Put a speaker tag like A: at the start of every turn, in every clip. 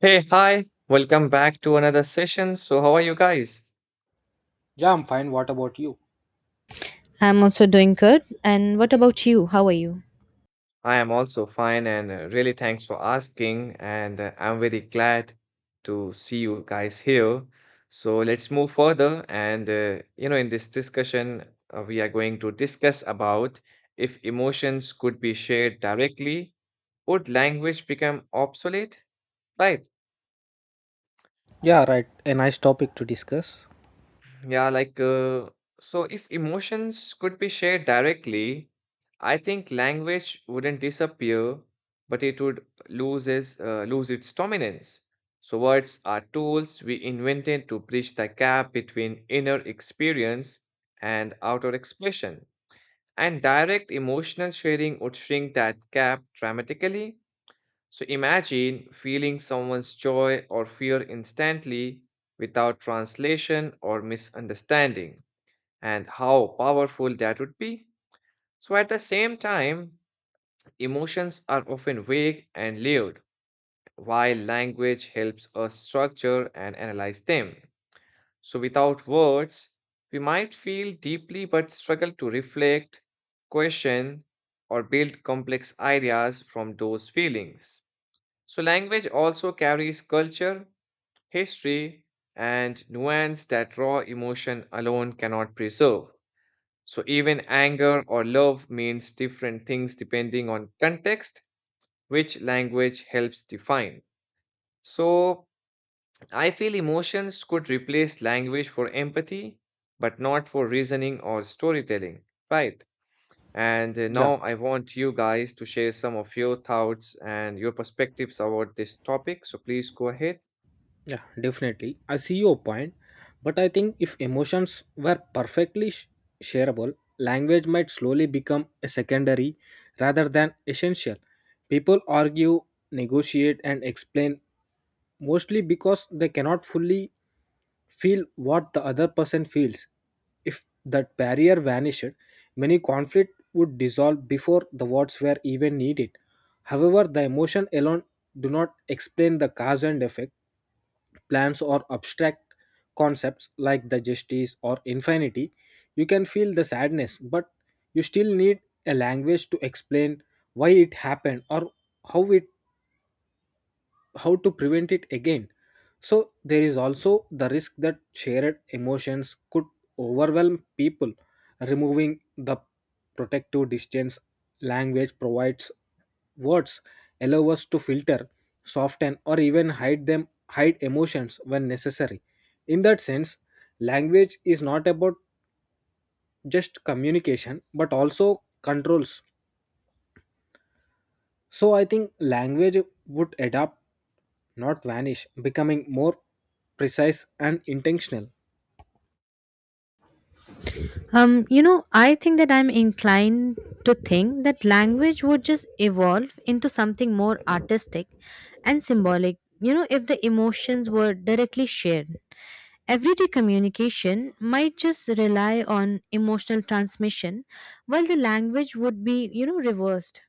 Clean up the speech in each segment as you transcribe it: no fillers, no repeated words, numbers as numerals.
A: Hey, hi, welcome back to another session. So, how are you guys?
B: Yeah, I'm fine. What about you?
C: I'm also doing good. And what about you? How are you?
A: I am also fine and really thanks for asking. And I'm very glad to see you guys here. So, let's move further. In this discussion, we are going to discuss about if emotions could be shared directly, would language become obsolete? Right.
B: Yeah, right. A nice topic to discuss.
A: Yeah, like, uh, so if emotions could be shared directly, I think language wouldn't disappear, but it would lose its dominance. So words are tools we invented to bridge the gap between inner experience and outer expression. And direct emotional sharing would shrink that gap dramatically. So imagine feeling someone's joy or fear instantly without translation or misunderstanding and how powerful that would be. So, at the same time, emotions are often vague and layered, while language helps us structure and analyze them. So, without words, we might feel deeply but struggle to reflect, question, or build complex ideas from those feelings. So, language also carries culture, history, and nuance that raw emotion alone cannot preserve. So even anger or love means different things depending on context, which language helps define. So I feel emotions could replace language for empathy, but not for reasoning or storytelling, right? And
B: Yeah,
A: now I want you guys to share some of your thoughts and your perspectives about this topic. So please go ahead.
B: yeah, definitely. I see your point, but I think if emotions were perfectly shareable, language might slowly become a secondary rather than essential. People argue, negotiate, and explain mostly because they cannot fully feel what the other person feels. If that barrier vanished, many conflict would dissolve before the words were even needed. However, the emotion alone do not explain the cause and effect. Plans or abstract concepts like the justice or infinity, you can feel the sadness, but you still need a language to explain why it happened or how it how to prevent it again. So there is also the risk that shared emotions could overwhelm people. Removing the protective distance language provides words allow us to filter, soften, or even hide emotions when necessary. In that sense, language is not about just communication but also controls. So I think language would adapt, not vanish, becoming more precise and intentional.
C: You know, I think that I'm inclined to think that language would just evolve into something more artistic and symbolic, you know, if the emotions were directly shared. Everyday communication might just rely on emotional transmission, while the language would be, you know, reversed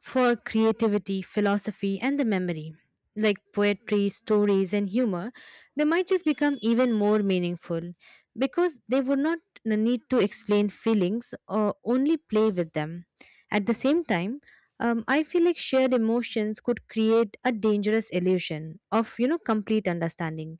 C: for creativity, philosophy, and the memory. Like poetry, stories, and humor, they might just become even more meaningful because they would not need to explain feelings or only play with them. At the same time, I feel like shared emotions could create a dangerous illusion of, you know, complete understanding.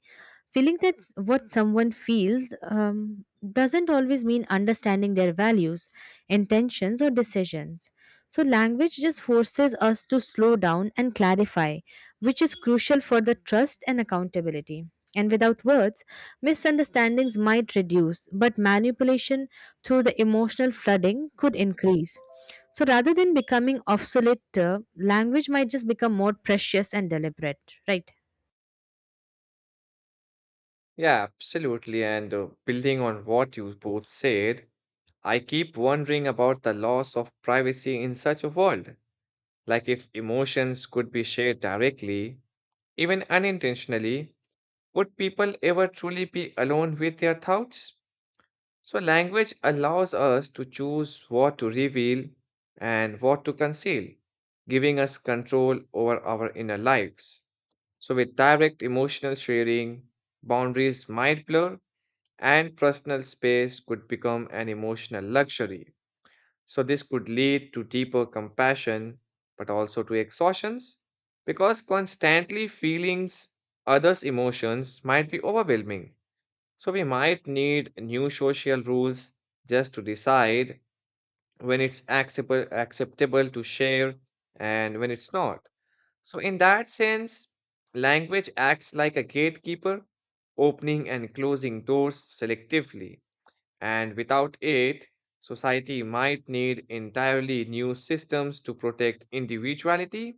C: Feeling that what someone feels doesn't always mean understanding their values, intentions, or decisions. So, language just forces us to slow down and clarify, which is crucial for the trust and accountability. And without words, misunderstandings might reduce, but manipulation through the emotional flooding could increase. So, rather than becoming obsolete, language might just become more precious and deliberate, right?
A: Yeah, absolutely. And building on what you both said, I keep wondering about the loss of privacy in such a world. Like, if emotions could be shared directly, even unintentionally, would people ever truly be alone with their thoughts? So, language allows us to choose what to reveal and what to conceal, giving us control over our inner lives. So, with direct emotional sharing, boundaries might blur and personal space could become an emotional luxury. So, this could lead to deeper compassion, but also to exhaustions, because constantly feelings others' emotions might be overwhelming. So, we might need new social rules just to decide when it's acceptable to share and when it's not. So, in that sense, language acts like a gatekeeper, opening and closing doors selectively. And without it, society might need entirely new systems to protect individuality.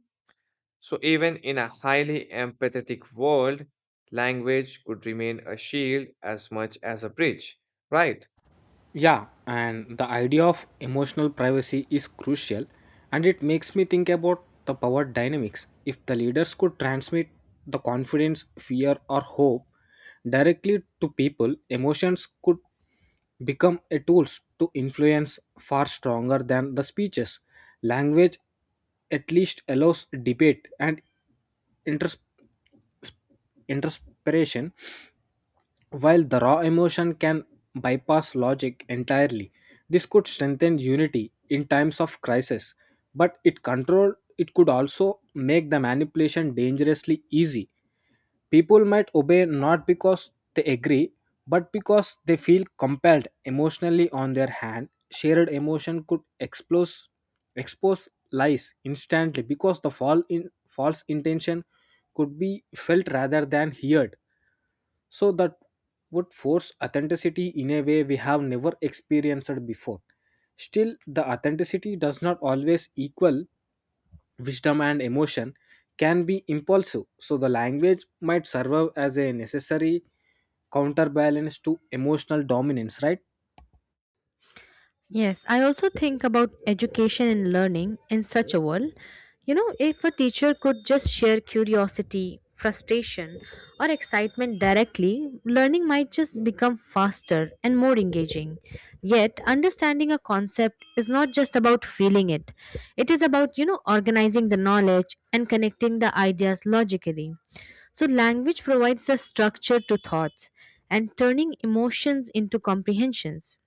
A: So, even in a highly empathetic world, language could remain a shield as much as a bridge, right?
B: Yeah, and the idea of emotional privacy is crucial, and it makes me think about the power dynamics. If the leaders could transmit the confidence, fear, or hope directly to people, emotions could become a tools to influence far stronger than the speeches. Language at least allows debate and inters- interpretation, while the raw emotion can bypass logic entirely. This could strengthen unity in times of crisis, but it could also make the manipulation dangerously easy. People might obey not because they agree, but because they feel compelled emotionally on their hand. Shared emotion could expose lies instantly because the fall in false intention could be felt rather than heard, so that would force authenticity in a way we have never experienced before. Still, the authenticity does not always equal wisdom and emotion can be impulsive. So the language might serve as a necessary counterbalance to emotional dominance, right?
C: Yes, I also think about education and learning in such a world. You know, if a teacher could just share curiosity, frustration, or excitement directly, learning might just become faster and more engaging. Yet, understanding a concept is not just about feeling it, it is about, you know, organizing the knowledge and connecting the ideas logically. So, language provides a structure to thoughts and turning emotions into comprehensions.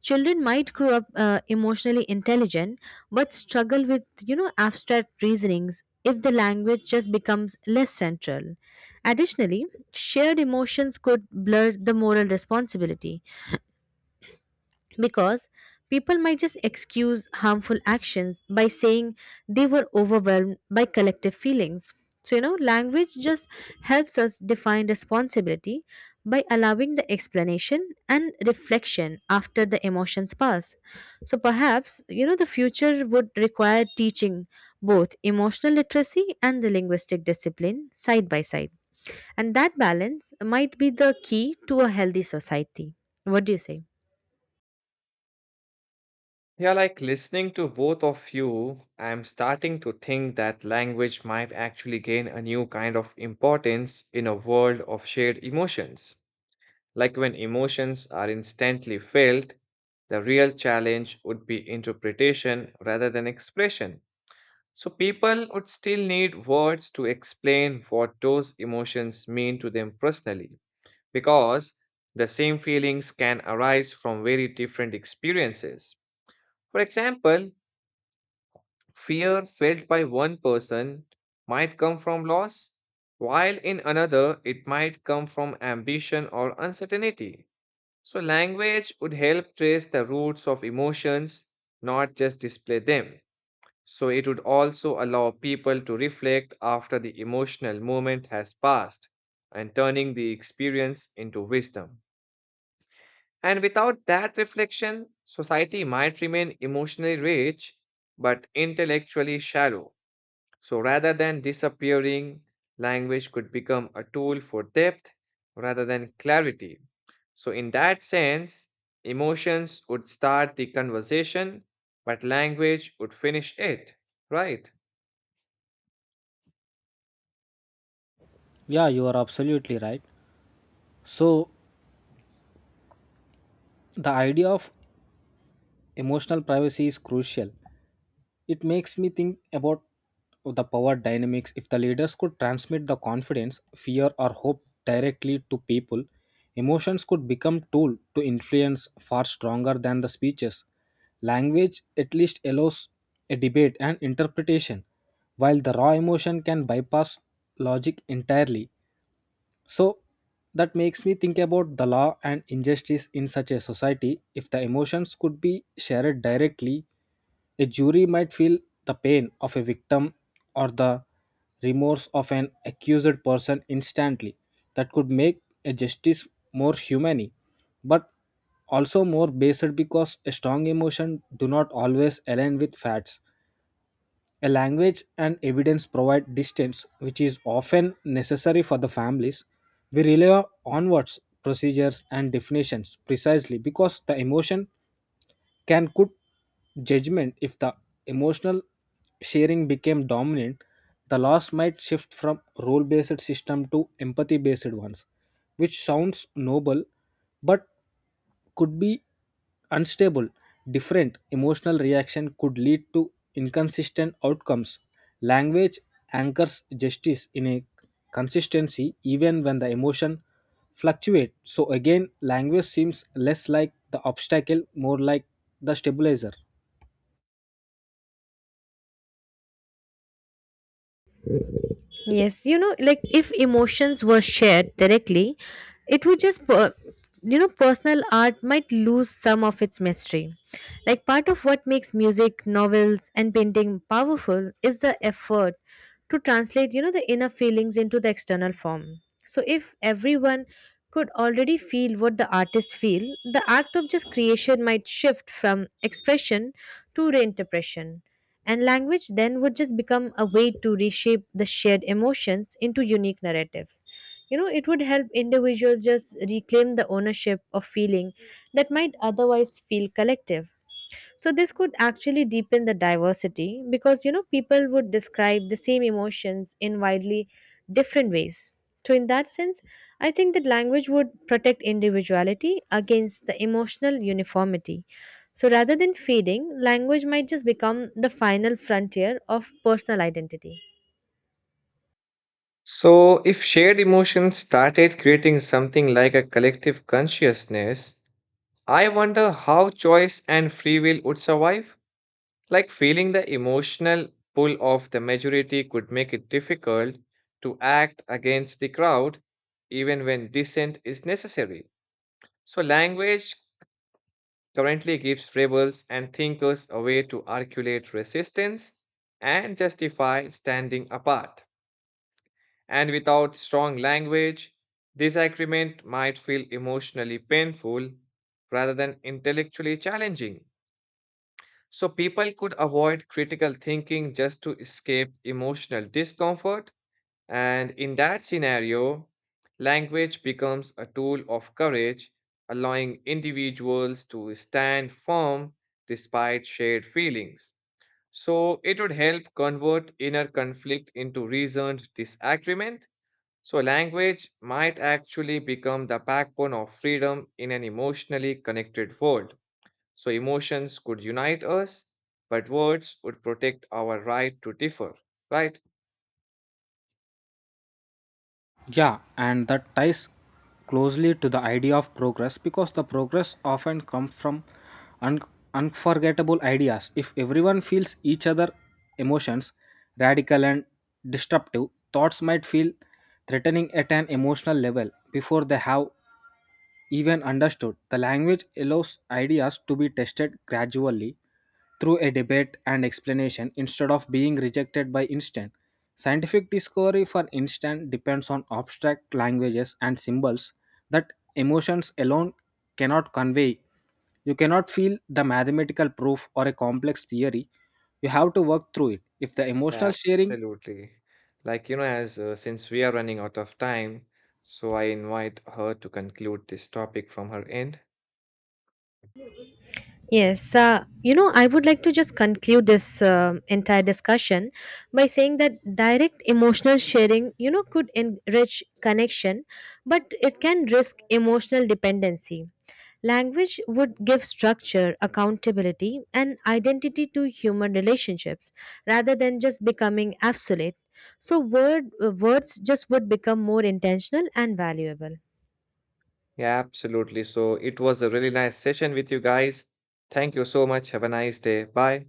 C: Children might grow up emotionally intelligent but struggle with, you know, abstract reasonings if the language just becomes less central. Additionally, shared emotions could blur the moral responsibility because people might just excuse harmful actions by saying they were overwhelmed by collective feelings. So, you know, language just helps us define responsibility by allowing the explanation and reflection after the emotions pass. So, perhaps, you know, the future would require teaching both emotional literacy and the linguistic discipline side by side. And that balance might be the key to a healthy society. What do you say?
A: Yeah, like listening to both of you, I'm starting to think that language might actually gain a new kind of importance in a world of shared emotions. Like when emotions are instantly felt, the real challenge would be interpretation rather than expression. So people would still need words to explain what those emotions mean to them personally, because the same feelings can arise from very different experiences. For example, fear felt by one person might come from loss, while in another it might come from ambition or uncertainty. So, language would help trace the roots of emotions, not just display them. So, it would also allow people to reflect after the emotional moment has passed and turning the experience into wisdom. And without that reflection, society might remain emotionally rich but intellectually shallow. So rather than disappearing, language could become a tool for depth rather than clarity. So, in that sense, emotions would start the conversation, but language would finish it, right?
B: Yeah, you are absolutely right. So the idea of emotional privacy is crucial. It makes me think about the power dynamics. If the leaders could transmit the confidence, fear, or hope directly to people, emotions could become tool to influence far stronger than the speeches. Language at least allows a debate and interpretation, while the raw emotion can bypass logic entirely. So that makes me think about the law and injustice in such a society. If the emotions could be shared directly, a jury might feel the pain of a victim or the remorse of an accused person instantly. That could make a justice more humane, but also more based because a strong emotion do not always align with facts. A language and evidence provide distance, which is often necessary for the families. We rely on words, procedures, and definitions precisely because the emotion can could judgment if the emotional sharing became dominant. The loss might shift from role based system to empathy based ones, which sounds noble but could be unstable. Different emotional reaction could lead to inconsistent outcomes. Language anchors justice in a consistency even when the emotion fluctuates. So again, language seems less like the obstacle, more like the stabilizer.
C: Yes, you know, like if emotions were shared directly, it would just, you know, personal art might lose some of its mystery. Like part of what makes music, novels, and painting powerful is the effort to translate, you know, the inner feelings into the external form. So if everyone could already feel what the artist feel, the act of just creation might shift from expression to reinterpretation. And language then would just become a way to reshape the shared emotions into unique narratives. You know, it would help individuals just reclaim the ownership of feeling that might otherwise feel collective. So this could actually deepen the diversity because, you know, people would describe the same emotions in widely different ways. So in that sense, I think that language would protect individuality against the emotional uniformity. So rather than fading, language might just become the final frontier of personal identity.
A: So, if shared emotions started creating something like a collective consciousness, I wonder how choice and free will would survive. Like feeling the emotional pull of the majority could make it difficult to act against the crowd, even when dissent is necessary. So, language currently gives rebels and thinkers a way to articulate resistance and justify standing apart. And without strong language, disagreement might feel emotionally painful rather than intellectually challenging. So people could avoid critical thinking just to escape emotional discomfort. And in that scenario, language becomes a tool of courage, allowing individuals to stand firm despite shared feelings. So it would help convert inner conflict into reasoned disagreement. So language might actually become the backbone of freedom in an emotionally connected world. So emotions could unite us, but words would protect our right to differ, right?
B: Yeah, and that ties closely to the idea of progress because the progress often comes from un- unforgettable ideas. If everyone feels each other emotions, radical and disruptive thoughts might feel threatening at an emotional level before they have even understood. The language allows ideas to be tested gradually through a debate and explanation instead of being rejected by instant. Scientific discovery, for instance, depends on abstract languages and symbols that emotions alone cannot convey. You cannot feel the mathematical proof or a complex theory. You have to work through it. If the emotional
A: Yeah,
B: sharing
A: absolutely. Like, you know, as since we are running out of time, so I invite her to conclude this topic from her end.
C: Yes, you know, I would like to just conclude this entire discussion by saying that direct emotional sharing, you know, could enrich connection, but it can risk emotional dependency. Language would give structure, accountability, and identity to human relationships rather than just becoming absolute. So, words just would become more intentional and valuable.
A: Yeah, absolutely. So it was a really nice session with you guys. Thank you so much. Have a nice day. Bye.